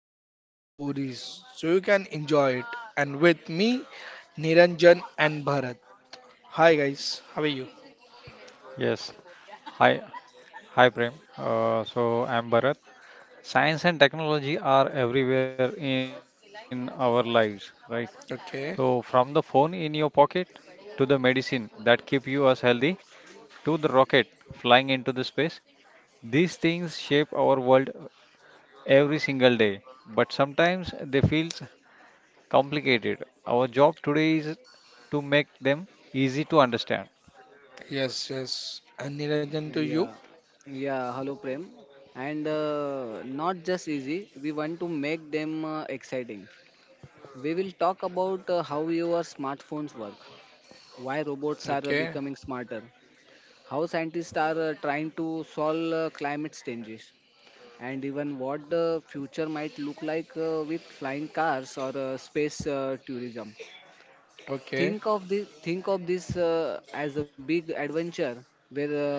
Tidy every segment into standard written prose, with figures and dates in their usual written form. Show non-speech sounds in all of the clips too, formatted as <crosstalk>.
and full of stories so you can enjoy it. And with me Niranjan and Bharat. Hi guys, how are you? Yes. Hi, hi Prem. So I'm Bharat. Science and technology are everywhere in our lives, right? So from the Okay. phone in your pocket to the medicine that keep you us healthy to the rocket flying into the space, these things shape our world every single day. But sometimes they feel complicated. Our job today is to make them easy to understand. Yes, yes. And Niranjan to you. Yeah, yeah. Hello, Prem. And not just easy. We want to make them exciting. We will talk about how your smartphones work, why robots are Okay. becoming smarter, how scientists are trying to solve climate changes, and even what the future might look like with flying cars or space tourism. Okay, Think of this as a big adventure where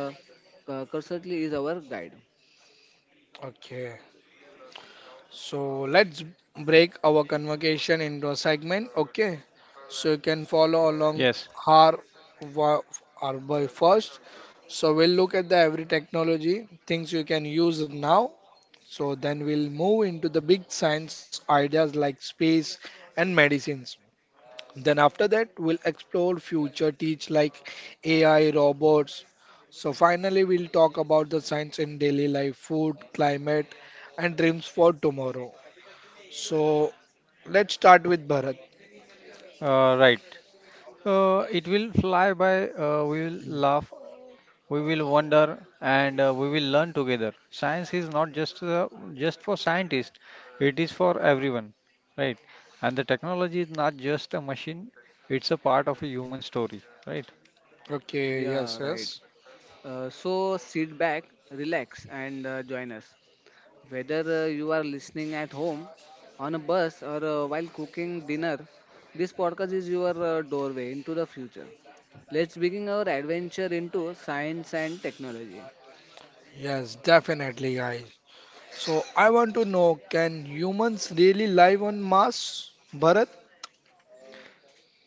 Cursorly is our guide. okay. So let's break our conversation into a segment, okay? So you can follow Yes, along our, wa- our by first. So we'll look at the every technology, things you can use now. So then we'll move into the big science ideas like space and medicines. Then after that, we'll explore future teach like AI, robots. So finally, we'll talk about the science in daily life, food, climate, and dreams for tomorrow. So let's start with Bharat. Right. It will fly by, we will laugh, we will wonder, and we will learn together. Science is not just for scientists, it is for everyone, right? And the technology is not just a machine, it's a part of a human story, right? Okay, Yeah, yes, right. yes. So sit back, relax, and join us. Whether you are listening at home, on a bus, or while cooking dinner, this podcast is your doorway into the future. Let's begin our adventure into science and technology. Yes, definitely, guys. So I want to know, can humans really live on Mars? Bharat?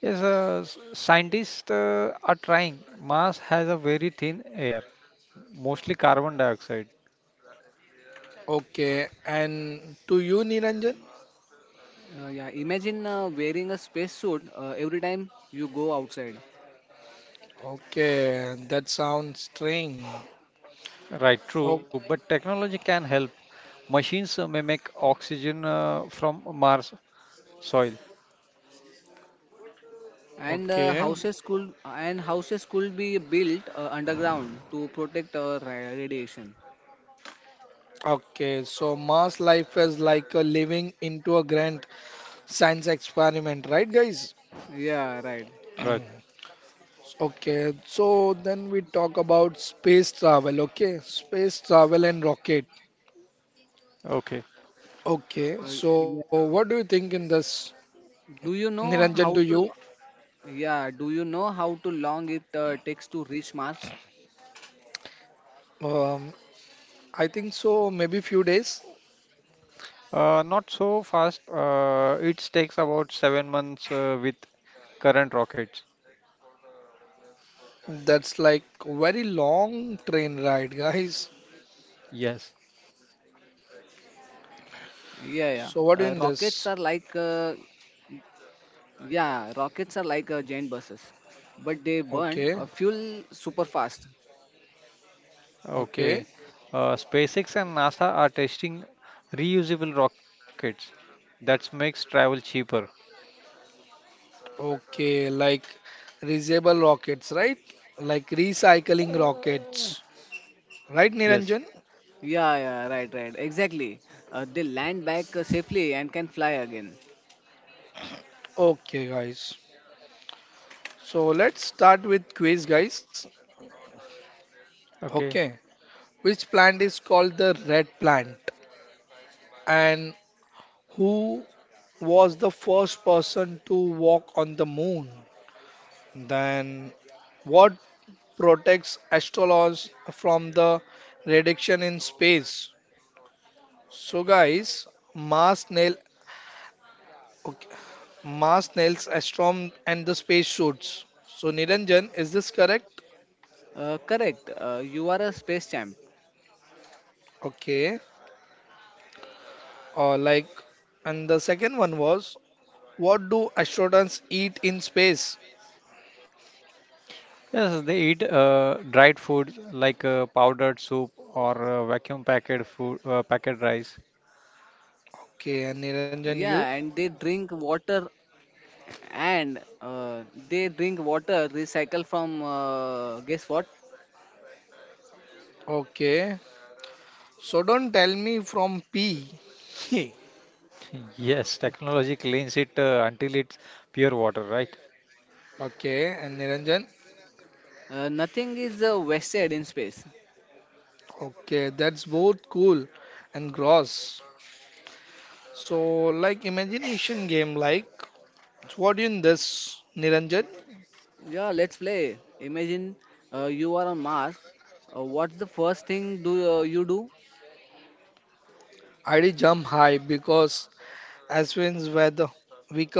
Scientists are trying. Mars has a very thin air, mostly carbon dioxide. Okay, and to you, Niranjan? Yeah, imagine wearing a space suit every time you go outside, Okay, that sounds strange. Right, true, Oh, but technology can help. Machines mimic oxygen from Mars soil. and okay. Houses could be built underground to protect our radiation. Okay, so mass life is like a living into a grand science experiment, right, guys? Yeah, right. Right. <clears throat> Okay, so then we talk about space travel, okay? Space travel and rocket. Okay. Okay, Uh, so what do yeah. you think in this, Do you Niranjan, know to how you? to? lo- Yeah. Do you know how to long it takes to reach Mars? Um, I think so, maybe few days. Not so fast. It takes about 7 months with current rockets. That's like very long train ride, guys. Yes. Yeah, yeah. Uh, rockets are So what like, in uh, this? yeah, rockets are like giant buses, but they burn Okay, fuel super fast. okay. Okay. SpaceX and NASA are testing reusable rockets. That makes travel cheaper. Okay, like reusable rockets, right? Like recycling Uh, rockets, right, yes. Niranjan? Yeah, yeah, right, right, exactly. They land back safely and can fly again. Okay, guys. So let's start with quiz, guys. Okay. Okay, which plant is called the red plant, and who was the first person to walk on the moon? Then what protects astronauts from the radiation in space? So, guys, Mars nail. Okay, Mars, Nels, Astrom, and the space suits. So Niranjan, is this correct? Correct. You are a space champ. Okay. Or like, and the second one was, what do astronauts eat in space? Yes, they eat dried food like powdered soup or vacuum packed food, packed rice. <laughs> Okay, and Niranjan, Yeah, you. and and uh, they drink water recycled from guess what. Okay. So don't tell me from P. <laughs> Yes, technology cleans it until it's pure water, right? Okay, and Niranjan. Nothing is wasted in space. Okay, that's both cool and gross. So like imagination game like, what in this, Niranjan? Yeah let's play. Imagine you are on Mars. What's the first thing do you do? I did jump high because Ashwin's were the weaker.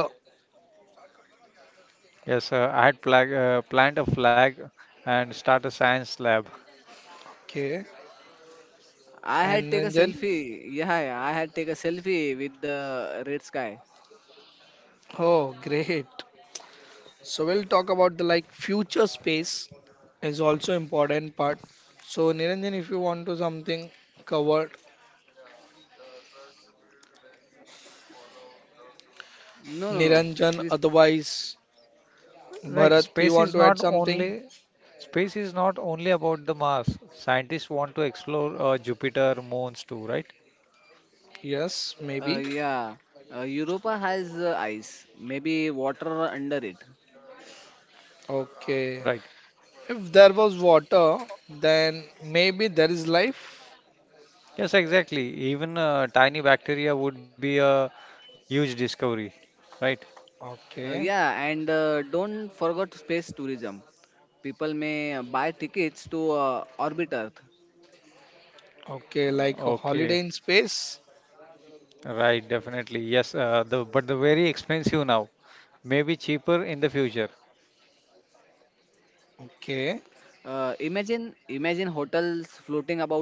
Planned a flag and start a science lab. Okay. i had And take a Ranjan? selfie yeah I had take a selfie with the red sky. Oh, great. So we'll talk about the like future space is also important part. So Niranjan, if you want to something covered, No, no, no. Niranjan, Please. otherwise Right, Bharat, you space want is to not add something? only space is not only about the Mars. Scientists want to explore Jupiter, moons too, right? Yes, uh, maybe. yeah Europa has ice, maybe water under it. Okay. Right. If there was water, then maybe there is life. Yes, exactly. Even tiny bacteria would be a huge discovery, right? Okay. Yeah and Don't forget space tourism. People may buy tickets to orbit Earth. Okay, like a holiday Okay, in space. right, definitely. The very expensive now. Maybe cheaper in the future. Okay. Imagine hotels floating about Earth.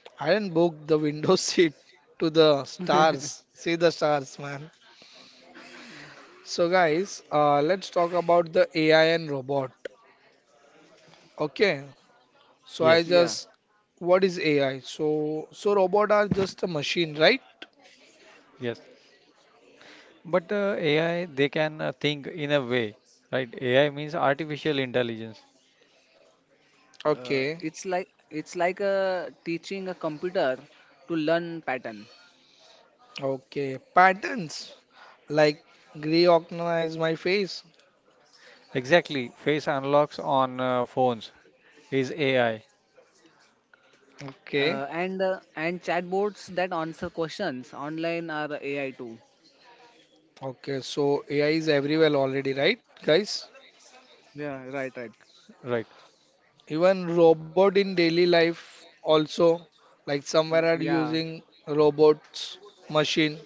I didn't book the window <laughs> seat to the <laughs> stars. See the stars, man. So, guys, let's talk about the AI and robot. Okay. So, I Yes, Yeah, just, what is AI? So robot are just a machine, right? yes. But AI, they can think in a way, right? AI means artificial intelligence. uh, Okay. it's like it's like teaching a computer to learn pattern, Okay. Patterns like recognize my face. Exactly. Face unlocks on phones is AI, Okay. and chatbots that answer questions online are AI too. Okay. So, AI is everywhere already, right, guys? Yeah, right, right. right? Even robot in daily life also, like somewhere are Yeah, using robots, machine.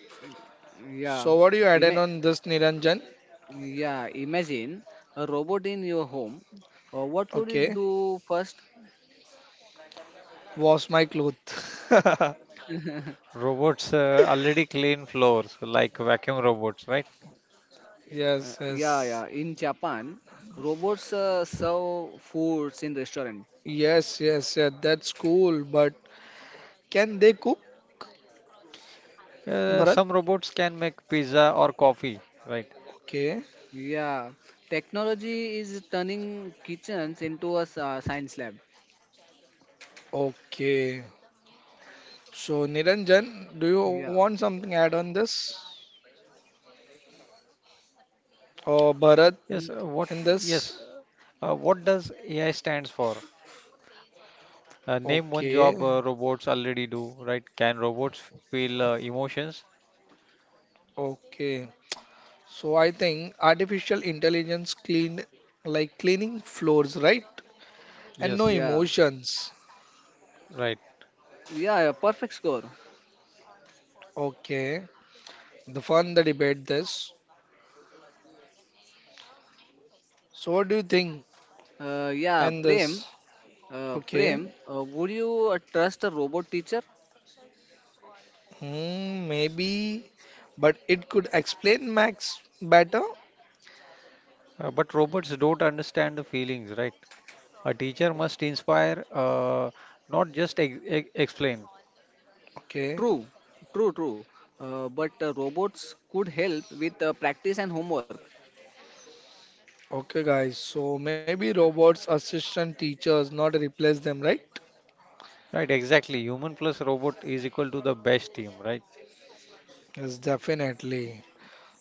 yeah. So what do you add in Ima- on this Niranjan? yeah, imagine a robot in your home. What would it Okay, do first? wash my clothes. <laughs> Robots already clean floors, like vacuum robots, right? Yes, yes. Yeah. In Japan, robots serve foods in restaurant. Yes, yes, yeah, that's cool. But can they cook, Some Bharat? robots can make pizza or coffee, right? Okay, Yeah, technology is turning kitchens into a science lab. okay. So Niranjan, do you Yeah, want something add on this? Or Bharat Mm, Yes. What? in Yes. this? What does AI stands for? Name one Okay, job robots already do, right? Can robots feel emotions? okay. So I think artificial intelligence clean like cleaning floors, right? And no Yes, yeah, emotions. right. Yeah, Perfect score. Okay. The fun the debate this. So what do you think? Uh, yeah, And Prem, this. Okay. Prem, would you trust a robot teacher? Hmm, maybe. But it could explain Max better. But robots don't understand the feelings, right? A teacher must inspire, not just ex explain. Okay. True, true, true. But robots could help with practice and homework. Okay guys. So maybe robots assistant teachers not replace them, right? Right, exactly. Human plus robot is equal to the best team, right? Yes, definitely.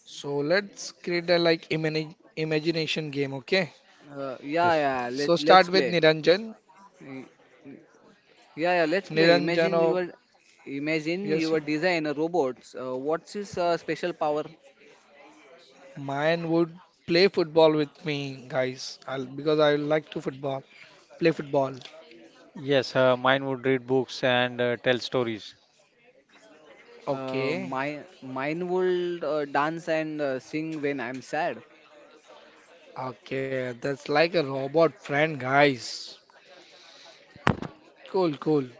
So let's create a like imagine imagination game, okay? Yes. So Let's start with play. Niranjan. Yeah, yeah, let's play. Niranjan, Imagine you are, imagine yes, you are sir. design a robots. What's his special power? Mine would play football with me, guys. I'll because I like to football, play football. Yes, mine would read books and tell stories. Okay, My mine will dance and sing when I'm sad. okay, that's like a robot friend, guys. Cool, cool.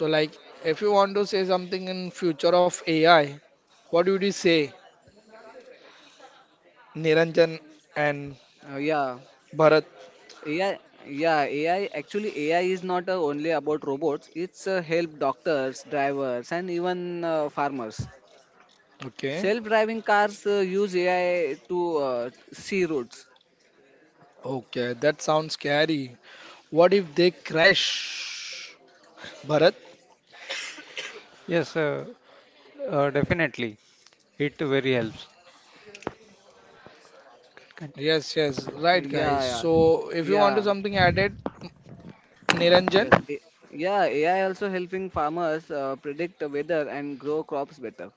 So, like, if you want to say something in future of AI, what would you say, Niranjan and Uh, Bharat? yeah, AI, yeah, AI. Actually, AI is not only about robots. It's help doctors, drivers, and even farmers. Okay, Self-driving cars use AI to see routes. okay, that sounds scary. What if they crash, Bharat? Yes, uh, Definitely. It very helps. Can- Yes, yes, Yeah, right, guys. yeah, So if you want to yeah. something added, Niranjan? Yes, A- yeah, AI also helping farmers predict the weather and grow crops better.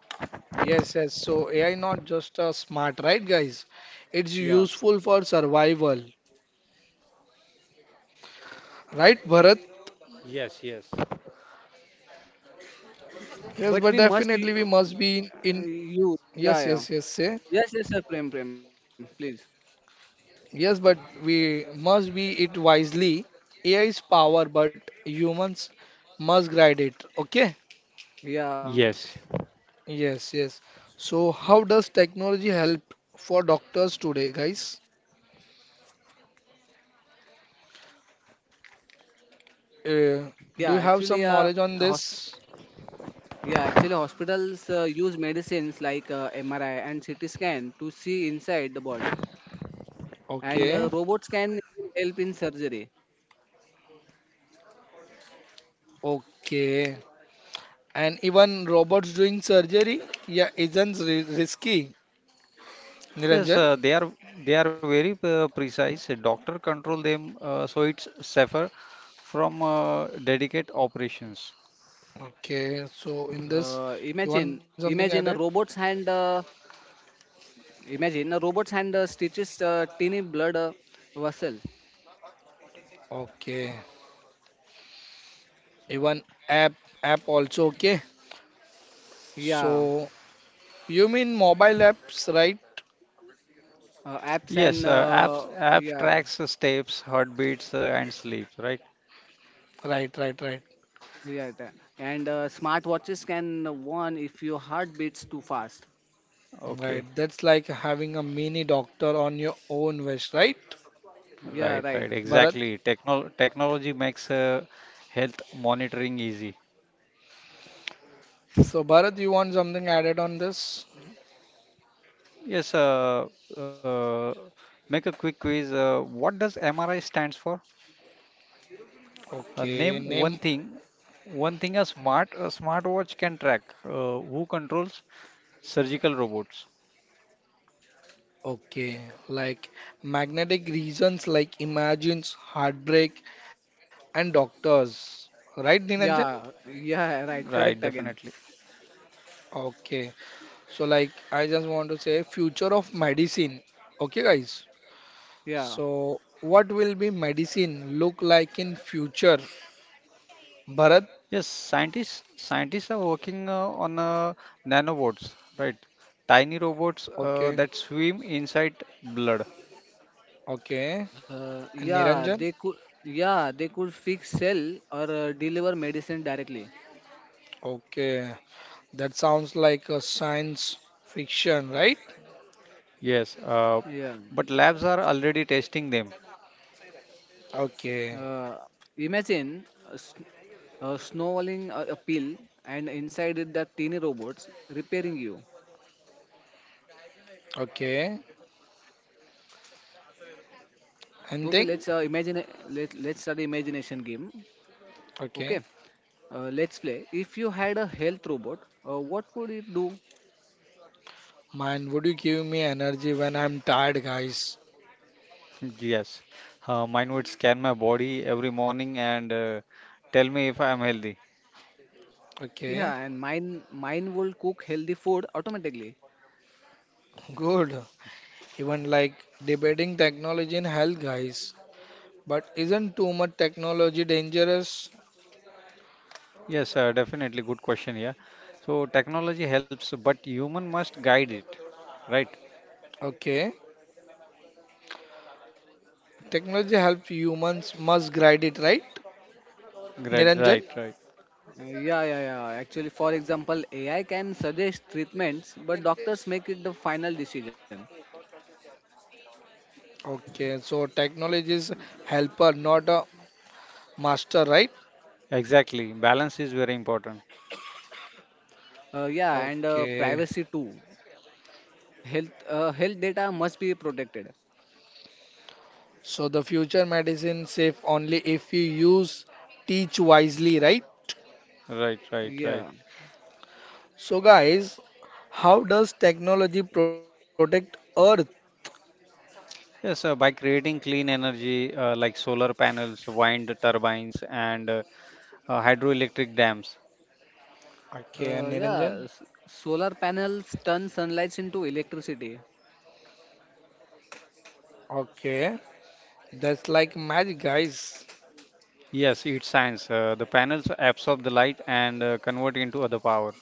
Yes, yes. So AI not just smart, right, guys? It's Yeah, useful for survival, right, Bharat? Yes, yes. Yes, but but definitely we we must must be in, u- in use. yes, yes, Yeah, yes, yeah. say. Yes, yes, sir. Prem, please. Yes, but we must be it wisely. AI is power, but humans must guide it. Okay? Yeah, Yes. Yes, yes. So how does technology help for doctors today, guys? yeah. Uh, do Actually, you have some a knowledge hos- on this? yeah. Actually, hospitals use medicines like MRI and CT scan to see inside the body, and Okay. Robots can help in surgery. Okay. And even robots doing surgery, yeah, isn't risky, Yes, uh, Niranjan. they are they are very precise. A doctor control them so it's safer from dedicated operations. Okay, so in this, Imagine, you want imagine a something added? robot's hand. Imagine robots hand stitches tiny blood vessel. Okay, even app, app also okay. Yeah, So you mean mobile apps, right? Apps Yes, and uh, apps app yeah, tracks steps, heartbeats, and sleep, right? Right, right, right, yeah, that. And smart watches can warn if your heart beats too fast. right. Okay, That's like having a mini doctor on your own wish, right, right, Yeah, right, right. Bharat? exactly. Technology makes health monitoring easy. So Bharat, you want something added on this? Yes, uh, uh, Make a quick quiz. What does MRI stands for? Uh, name Okay, one name thing, one thing a smartwatch can track. Who controls surgical robots? Okay, like magnetic reasons like imagines, heartbreak, and doctors. Right, Niranjan? Right, Yeah, definitely. yeah, <laughs> right. Correct again. Okay, so like I just want to say future of medicine. Okay, guys. Yeah, So what will be medicine look like in future? Bharat? Yes, scientists are working on nanobots, right? Tiny robots Okay, that swim inside blood. okay. uh, And yeah. Niranjan? They could, yeah, they could fix cell or deliver medicine directly. Okay, that sounds like a science fiction, right? Yes, uh, Yeah. but labs are already testing them. Okay, Uh, imagine uh, Snowballing a pill and inside it that teeny robots repairing you. okay. okay let's Anything? uh, imagine let, let's start the imagination game. Okay. okay let's play. If you had a health robot, what would it do? Man, would you give me energy when I'm tired, guys? <laughs> Yes, mine would scan my body every morning and tell me if I am healthy. Okay, Yeah and mine mine will cook healthy food automatically. good. Even like debating technology in health, guys. But isn't too much technology dangerous? Yes, Definitely good question here. So technology helps, but human must guide it, right? Okay, like technology helps humans must guide it, right? Right, Niranjan? right, right. Yeah Actually, for example, AI can suggest treatments, but doctors make it the final decision. Okay, so technology is helper, not a master, right? Exactly. Balance is very important. Yeah and Okay, Privacy too. Health data must be protected. so the future medicine safe only if you use teach wisely, right? Right, right, right. yeah So, guys, how does technology protect Earth? Yes, sir, by creating clean energy like solar panels, wind turbines, and hydroelectric dams. Okay, and Uh, Niranjan. yeah, s- Solar panels turn sunlight into electricity. Okay, that's like magic, guys. Yes, it's science. The panels absorb the light and convert into other power.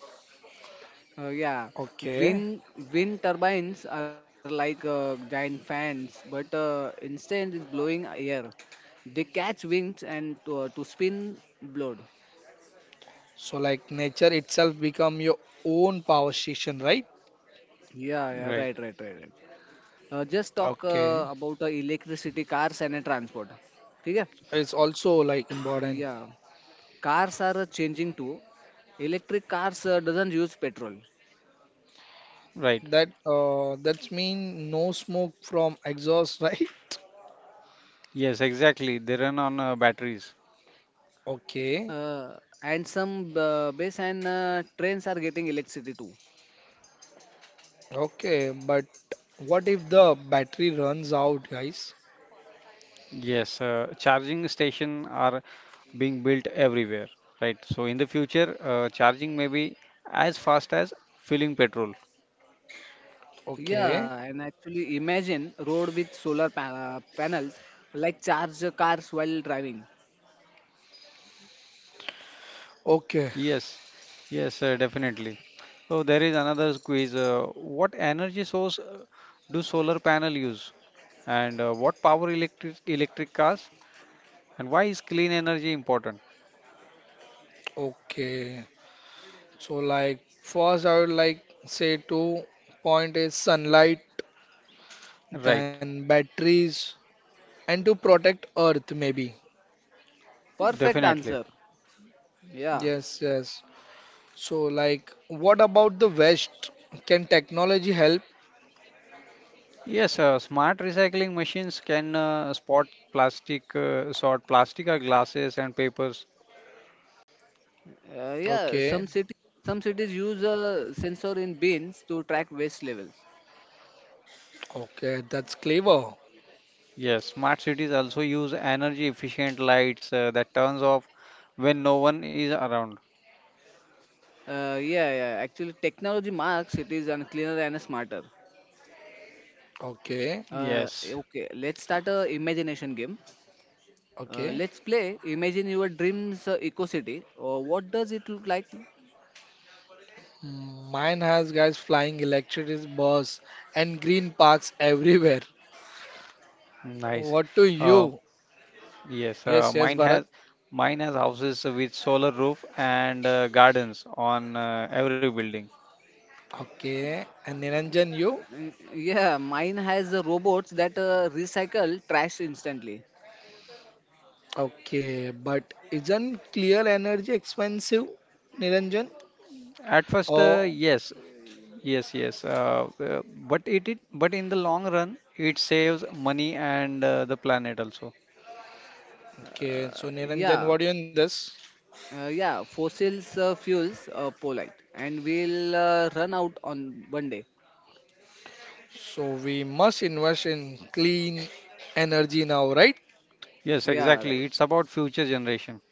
Uh, yeah, Okay, wind wind turbines are like giant fans, but instead is blowing air. They catch winds and to spin blood. so like nature itself become your own power station, right? Yeah, yeah, Right, right, right, right, right. Just talk Okay, about electricity, cars, and transport. ठीक है? it's also like Uh, important yeah, cars are changing too. Electric cars doesn't use petrol. right. That's mean no smoke from exhaust, <laughs> right? Yes, exactly. They run on batteries. Okay, Uh, and some bus and trains are getting electricity too. okay, but what if the battery runs out, guys? Yes, charging station are being built everywhere. Right. So in the future, charging may be as fast as filling petrol. Okay, Yeah, and actually imagine road with panels, like charge the cars while driving. okay, Yes, yes, Definitely. So there is another quiz. What energy source do solar panel use, and what power electric cars, and why is clean energy important? okay. So like first I would like say two point is sunlight, Right, then batteries and to protect earth maybe. Perfect definitely. answer. Yeah, Yes, yes. So like what about the West? Can technology help? Yes, smart recycling machines can sort plastic or glasses and papers. uh, yeah. Okay. Some city, some cities use a sensor in bins to track waste levels. Okay, that's clever. Yes, smart cities also use energy efficient lights that turns off when no one is around. Yeah. Actually, technology marks cities and cleaner and smarter. Okay. Yes, Okay, let's start a imagination game. Okay. Let's play. Imagine your dreams eco city. What does it look like? Mine has guys flying electric bus and green parks everywhere. nice. What to Uh, you? Yes, uh, Yes, yes, mine Bharat. has mine has houses with solar roof and gardens on every building. Okay. And Niranjan, you? Uh, yeah, mine has robots that recycle trash instantly. Okay, but isn't clear energy expensive, Niranjan? At first, Oh, yes, yes, yes, but it but in the long run, it saves money and the planet also. Uh, okay. So yeah, Niranjan, what do you in this? Yeah, fossils fuels polite, and we'll run out on one day. So we must invest in clean energy now, right? Yes, Yeah, right. exactly. It's about future generation.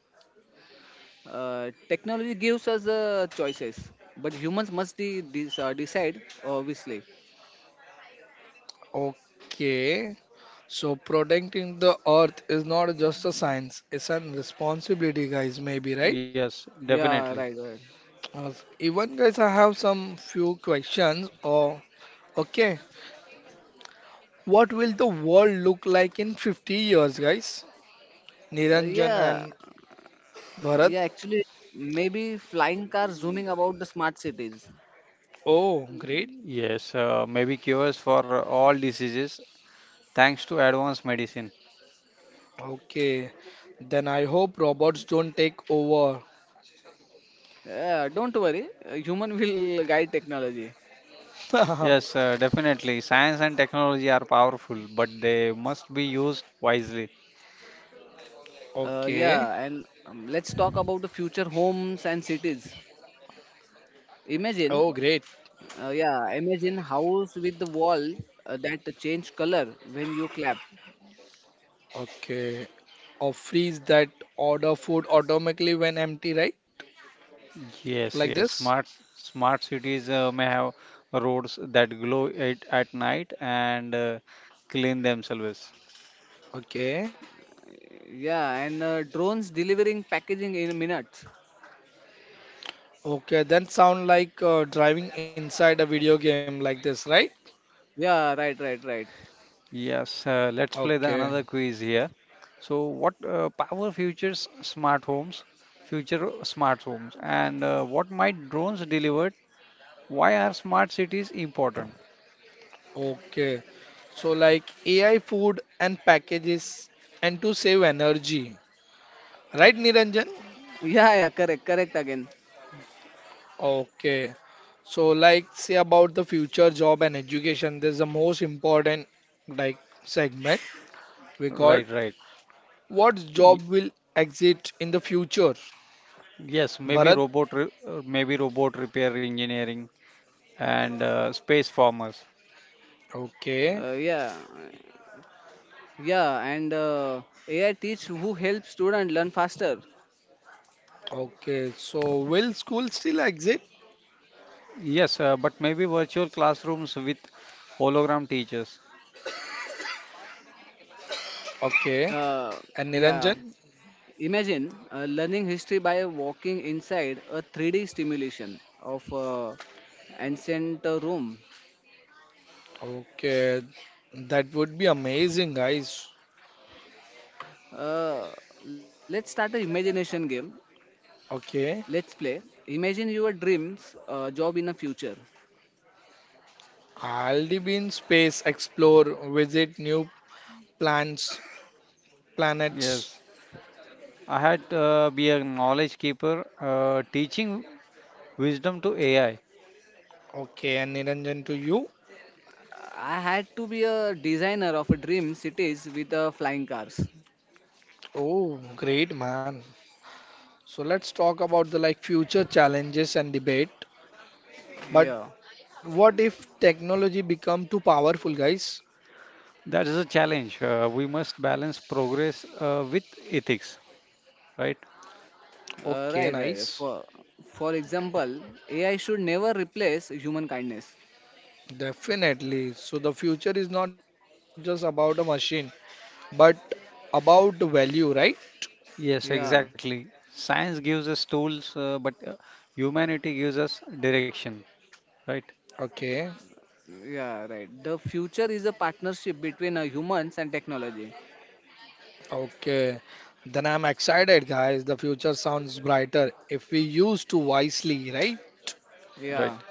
Technology gives us choices, but humans must decide, obviously. Okay. So protecting the earth is not just a science, it's a responsibility, guys, maybe, right? Yes, Yeah, definitely. right, right. Uh, Even guys, I have some few questions. Or okay, what will the world look like in 50 years, guys? Uh, Niranjan yeah, and Bharat. Yeah, actually, maybe flying car zooming about the smart cities. Oh, great. Yes, maybe cures for all diseases thanks to advanced medicine. Okay. Then I hope robots don't take over. Yeah, don't worry, human <laughs> will guide technology. Yes, <laughs> Definitely. Science and technology are powerful, but they must be used wisely. Okay. Yeah, and Let's talk about the future homes and cities. Oh, great. Imagine, yeah, imagine house with the wall that change color when you clap. Okay. Or freeze that order food automatically when empty, right? Yes, Like yes. this? Smart cities may have roads that glow at night and clean themselves. Okay. Yeah, and drones delivering packaging in minutes. Okay. Then sound like driving inside a video game like this, right? Yeah, right, right, right. Yes, let's play Okay. the another quiz here. So, what power future smart homes, and what might drones deliver? Why are smart cities important? Okay. So like AI food and packages and to save energy, right, Niranjan? Yeah, yeah, correct, correct again. Okay. So, like, say about the future job and education, there's the most important like segment we called Right, right. what Y- job will exist in the future? Yes, maybe Bharat? robot repair engineering and space farmers. Okay, Yeah, Yeah, and AI teach who helps student learn faster. okay. So, will school still exist? Yes, but maybe virtual classrooms with hologram teachers. Okay. Uh, And yeah, Niranjan? imagine learning history by walking inside a 3D simulation of ancient Rome. Okay. That would be amazing, guys. Uh, let's start a imagination game. Let's Okay. play. Imagine your dreams job in the future. I'll be in space, explore, visit new plants, planets. Yes, I had be a knowledge keeper, teaching wisdom to AI. Okay. And Niranjan to you? I had to be a designer of a dream cities with flying cars. Oh, great, man. So let's talk about the like future challenges and debate. But Yeah. what if technology become too powerful, guys? That is a challenge. We must balance progress with ethics, right? Okay, Right, nice. right. For example, AI should never replace human kindness. Definitely. So the future is not just about a machine, but about the value, right? Yes, Yeah, exactly. Science gives us tools, but humanity gives us direction, right? Okay. yeah, right. The future is a partnership between humans and technology. Okay. Then I'm excited, guys. The future sounds brighter if we use to wisely, right? Right. Yeah,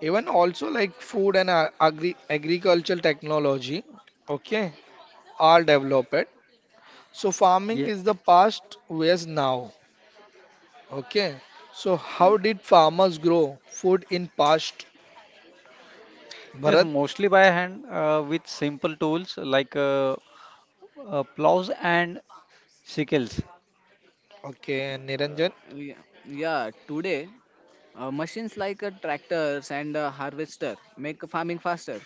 Even also like food and agricultural technology, okay, are developed. So Yeah. farming is the past, where's now? Okay. So how did farmers grow food in past? Bharat. Yes, mostly by hand with simple tools like plows and sickles. Okay, Niranjan. uh, yeah, yeah. Today, machines like tractors and harvester make farming faster.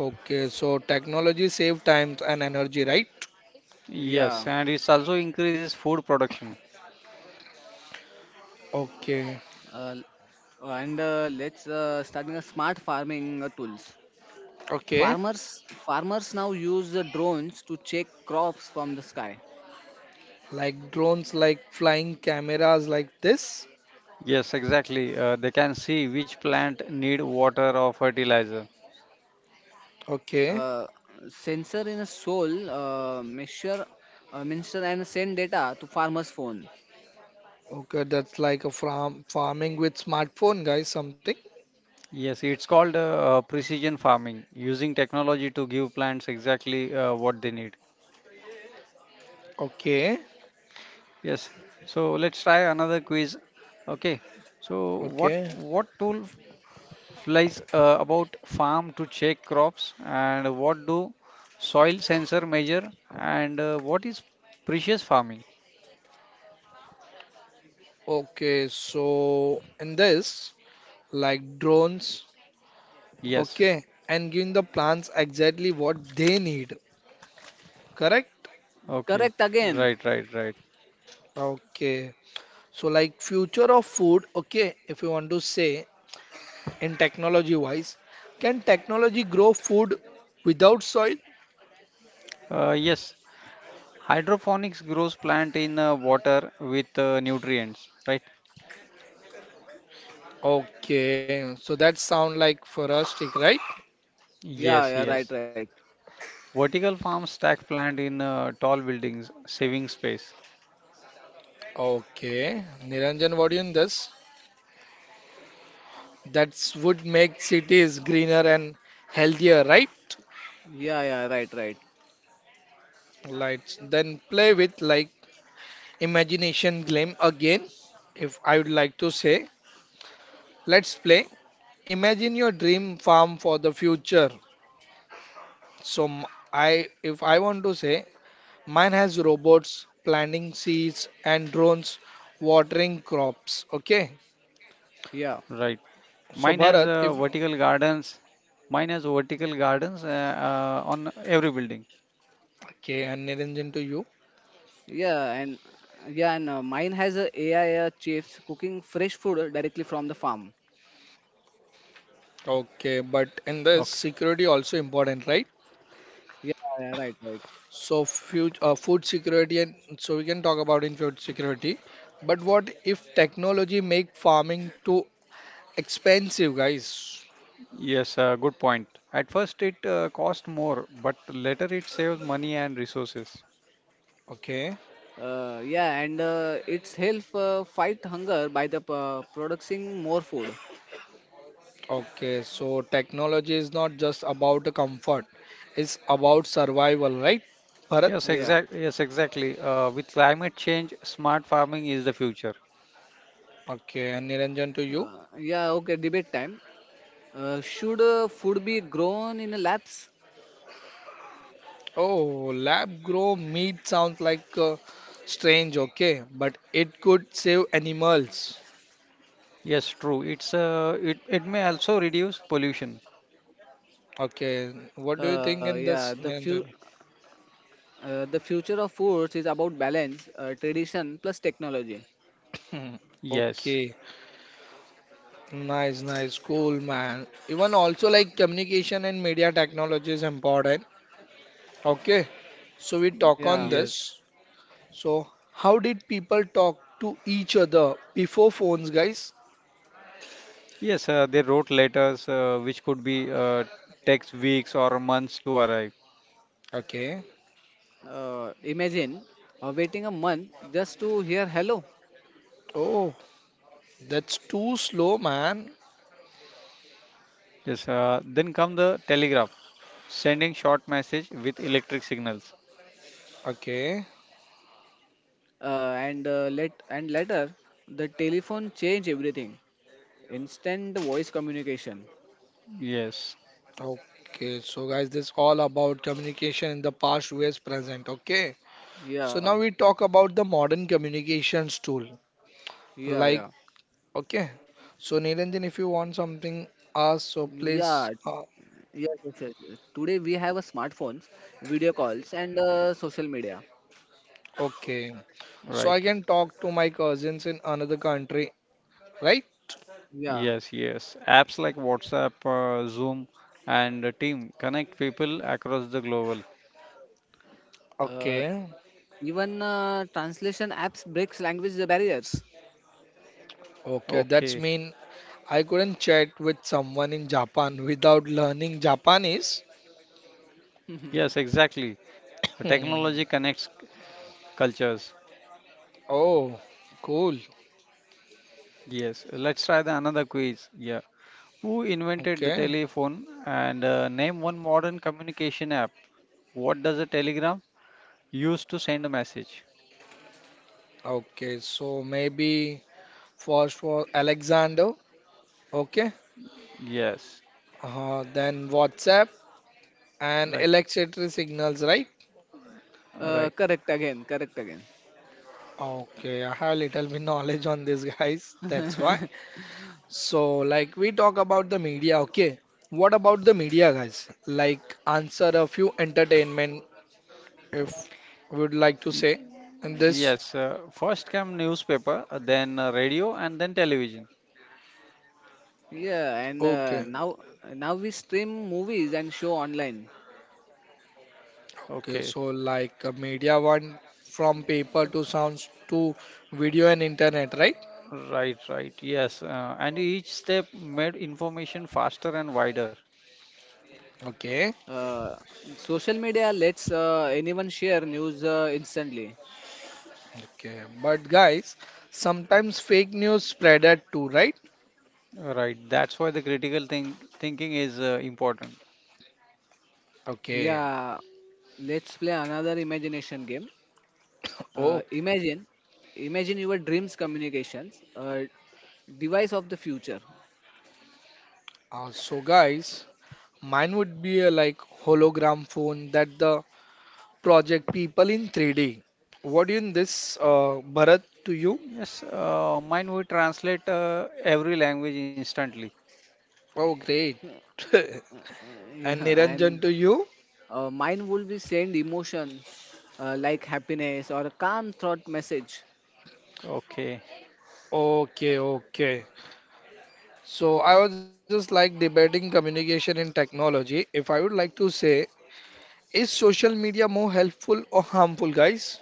Okay, so technology save times and energy, right? Yeah, Yes, and it also increases food production. Okay. uh, and let's starting a smart farming tools. Okay. Farmers now use drones to check crops from the sky. Like drones, like flying cameras like this. Yes, exactly. They can see which plant need water or fertilizer. Okay. uh, sensor in a soul measure minister and send data to farmer's phone. Okay, that's like a farming with smartphone, guys, something. Yes, it's called precision farming, using technology to give plants exactly what they need. Okay. Yes. So let's try another quiz. Okay. So what Okay. what tool f- flies about farm to check crops and what do soil sensor measure and what is precious farming? Okay, so in this, like drones Yes. Okay, and giving the plants exactly what they need, correct? Okay. Correct Right, again. right, right. Okay, so like future of food, okay, if you want to say in technology wise, can technology grow food without soil? Yes, hydroponics grows plant in water with nutrients, right? Okay, so that sound like forestic, right? Yeah, yeah, Yes, right, yes. right. Vertical farms stack plant in tall buildings, saving space, Okay, Niranjan, what do you in this? That would make cities greener and healthier, right? Yeah, yeah, right, right. Right. Then play with like imagination claim again, if I would like to say. Let's play. Imagine your dream farm for the future. So I if I want to say mine has robots planting seeds and drones watering crops. Okay. right? yeah Mine has So uh, Bharat, vertical if gardens. Mine has vertical gardens on every building. okay, and Niranjan to you. yeah and yeah and mine has a AI chips cooking fresh food directly from the farm. Okay, but in this security Okay. also important, right? Yeah, yeah, right, right. So food security and so we can talk about in food security. But what if technology make farming too expensive, guys? Yes, good point. At first, it cost more, but later it saves money and resources. Okay. Yeah and it's help fight hunger by the producing more food. Okay, so technology is not just about the comfort, it's about survival, right, Bharat? Yeah Yes, exactly. With climate change, smart farming is the future. Okay, and Niranjan to you. Yeah okay Debate time. Should food be grown in labs? Oh, lab grow meat sounds like strange, okay, but it could save animals. Yes, true. It may also reduce pollution. Okay, what do you think Uh, in this, yeah, the fu- Niranjan? The future of foods is about balance, tradition plus technology. Hmm, Yes, okay, nice, nice, cool, man. Even also like communication and media technology is important. Okay, so we talk on Yeah, yes, this. So, how did people talk to each other before phones, guys? yes. They wrote letters which could be uh, takes weeks or months to arrive. Okay. Imagine waiting a month just to hear hello, Oh, that's too slow, man. Yes. Then come the telegraph, sending short message with electric signals. Okay. And let and later the telephone change everything. Instant voice communication. Yes, Okay. So, guys, this all about communication in the past versus present. Okay. So Yeah, now we talk about the modern communications tool. yeah, Like, yeah, okay. So Niranjan, if you want something, ask. So yeah. please. Uh, Yes, yes, yes. Yes. Today we have a smartphones, video calls, and social media. okay. So right. I can talk to my cousins in another country, right? Yeah. Yes, yes. Apps like WhatsApp, Zoom, and Team connect people across the global. Uh, Okay. Even translation apps breaks language barriers. Okay, that's Okay. mean I couldn't chat with someone in Japan without learning Japanese. Yes, <laughs> exactly. Technology Hmm. connects cultures. Oh, cool. Yes, let's try the another quiz. Yeah. Who invented Okay. the telephone and name one modern communication app? What does a telegram use to send a message? Okay. So maybe first was Alexander. Okay. Yes, Then WhatsApp and right, electricity signals, right? Right. correct again, correct again. Okay. I have little bit knowledge on this, guys. That's why. So, like, we talk about the media. Okay. What about the media, guys? Like, answer a few entertainment if we would like to Y- say in this. yes, first came newspaper, then radio, and then television. Yeah, and Okay, now we stream movies and show online. okay. Okay, So like media one from paper to sounds to video and internet, right? right, right. Yes, and each step made information faster and wider. Okay, Uh, Social media lets anyone share news instantly. okay. But guys, sometimes fake news spreaded too, right? Right, that's why the critical thinking is important. Okay. Yeah, let's play another imagination game. <coughs> Oh, Uh, imagine, imagine your dreams communications, device of the future. So guys, mine would be a like hologram phone that the project people in 3D. What in this, Bharat to you? Yes, mine will translate every language instantly. Oh, great. <laughs> <laughs> And Yeah, Niranjan and to you? Mine would be send emotion like happiness or a calm thought message. Okay. Okay, okay. So I was just like debating communication in technology. If I would like to say, is social media more helpful or harmful, guys?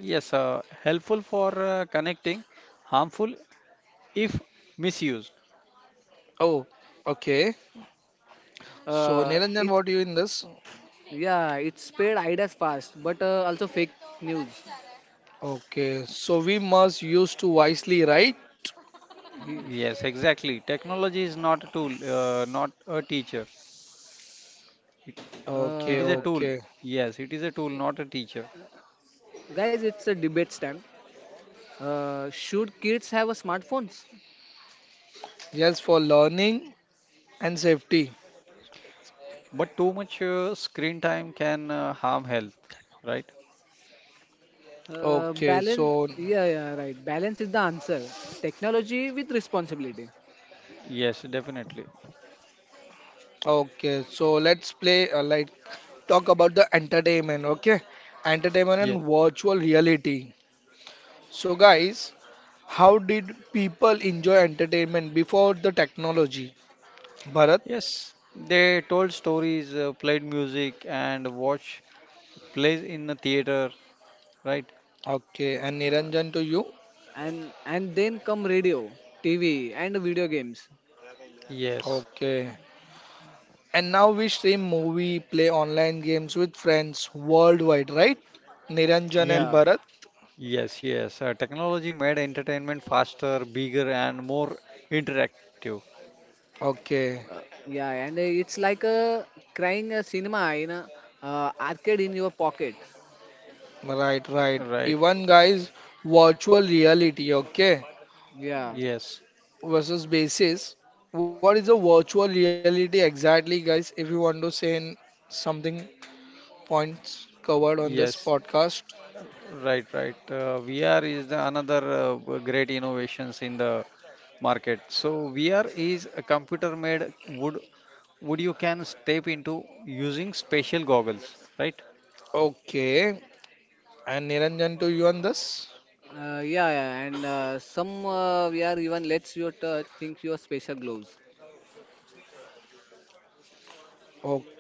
Yes, helpful for connecting, harmful if misused. Oh, okay. So Niranjan, It what do you in this? Yeah, it spread ideas fast, but also fake news. Okay, so we must use to wisely, right? Ye- Yes, exactly. Technology is not a tool, not a teacher. It, it Okay, is Uh, a tool. okay. Yes, it is a tool, not a teacher. Guys, it's a debate time. Should kids have a smartphones? Just for learning and safety. But too much screen time can harm health, right? Okay, Balance. so Yeah, yeah, right. Balance is the answer. Technology with responsibility, Yes, definitely. okay, so let's play like talk about the entertainment, okay? Entertainment Yeah. and virtual reality. So guys, how did people enjoy entertainment before the technology? Bharat, Yes, they told stories, played music, and watched plays in the theater. Right? okay, and Niranjan to you. and then come radio, TV, and video games. Yes. Okay. And now we stream movie, play online games with friends worldwide, right? Niranjan Ye- and Yeah, Bharat. yes, yes. Technology made entertainment faster, bigger, and more interactive. Okay. Uh, yeah, and it's like a crying a cinema in a arcade in your pocket. Right, right. Right. Even guys, virtual reality, okay? Yeah, Yes. Versus basis. What is a virtual reality exactly, guys? If you want to say in something points covered on this Yes. podcast. Right. Right. VR is the another great innovations in the market. So VR is a computer made wood you can step into using special goggles. Right. Okay. And Niranjan, do you on this? Yeah, yeah, and some we even lets you touch think your special gloves. Okay.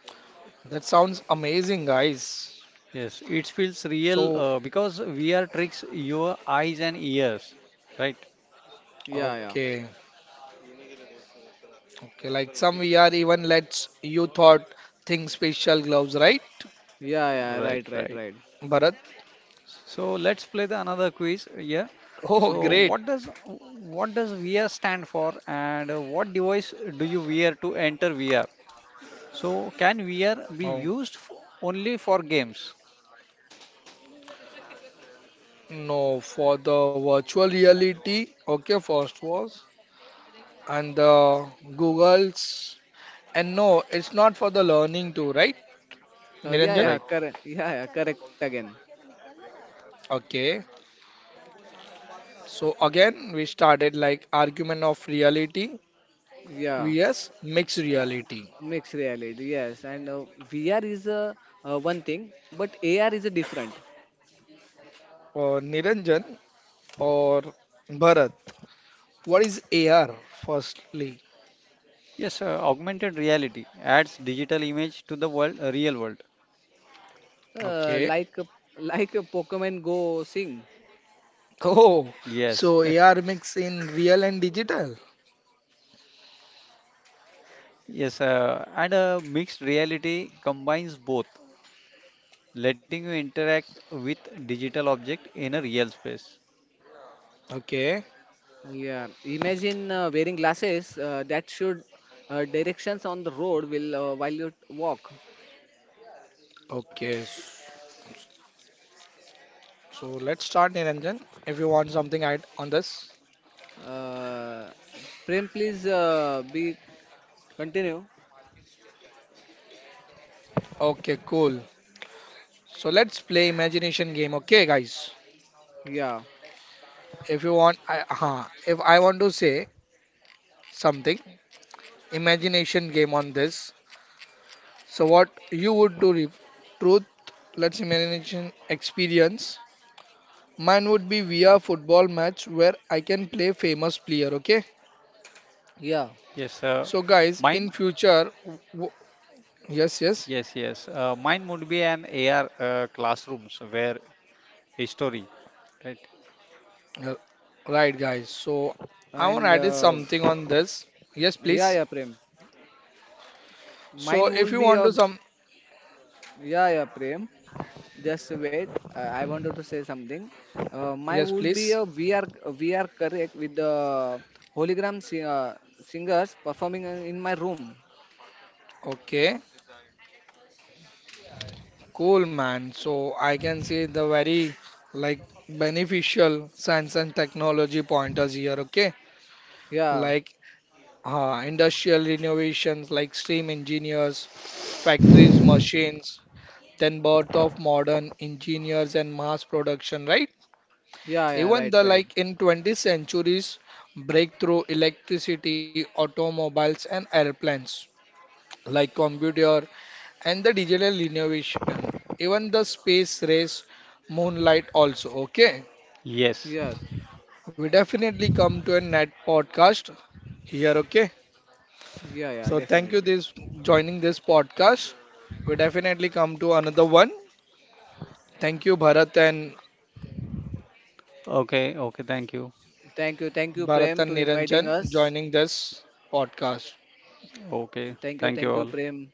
That sounds amazing, guys. Yes, it feels So, real because VR tricks your eyes and ears, right? Yeah, okay. yeah, Okay, like some VR even lets you thought think special gloves, right? yeah, yeah. Right. Right, Right. right, right. Bharat? <laughs> So let's play the another quiz. Yeah. Oh, So great. what does VR stand for, and what device do you wear to enter VR? So can VR be Oh, used f only for games? no, for the virtual reality. Okay, first was. And the Google's. And no, it's not for the learning too, right? Niranjan? Yeah, Right. correct. Yeah, yeah, correct again. Okay. So again, we started like argument of reality Yeah. vs mixed uh, reality. Mixed reality, yes, and VR is one thing, but AR is a different. Or Niranjan or Bharat. What is AR firstly? Yes. Augmented reality adds digital image to the world, real world. Uh, Okay. <laughs> like a- like a Pokemon Go sing. Oh, Yes. <laughs> so AR mix in real and digital. Yes. And mixed reality combines both, letting you interact with digital object in a real space. Okay. Yeah, imagine wearing glasses that should directions on the road will while you walk. Okay. So let's start Niranjan if you want something add on this. Uh, Prem, please be continue. Okay, cool. So let's play imagination game, okay guys? Yeah, If you want if I want to say something imagination game on this. So what you would do, Reef? Truth, let's imagination experience. Mine would be VR football match where I can play famous player. Okay. yeah, Yes, uh, So guys, mine in future, yes, yes, Yes, yes. Mine would be an AR classrooms where history, right? Uh, right, guys. So I and want to add something on this. Yes, yeah, yeah, please. Prem. So Mine if would you be want a to some, yeah, yeah, Prem. Just wait. I wanted to say something. Mine yes, would be please. a VR correct with the hologram singers performing in my room. Okay. Cool, man. So I can see the very like beneficial science and technology pointers here. Okay, Yeah, like industrial innovations, like steam engineers, factories, machines, then birth of modern engineers and mass production. Right? yeah, yeah, Even right, the right. like in 20th centuries breakthrough electricity, automobiles and airplanes, like computer, and the digital innovation, even the space race, moonlight also. Okay, Yes. Yeah, we definitely come to a net podcast here. Okay, yeah, yeah, so thank you definitely. this joining this podcast. We definitely come to another one. Thank you Bharat and Okay, okay, thank you. Thank you, Prem, to inviting Niranjan us. joining this podcast. Okay, thank you Thank you, all. Prem.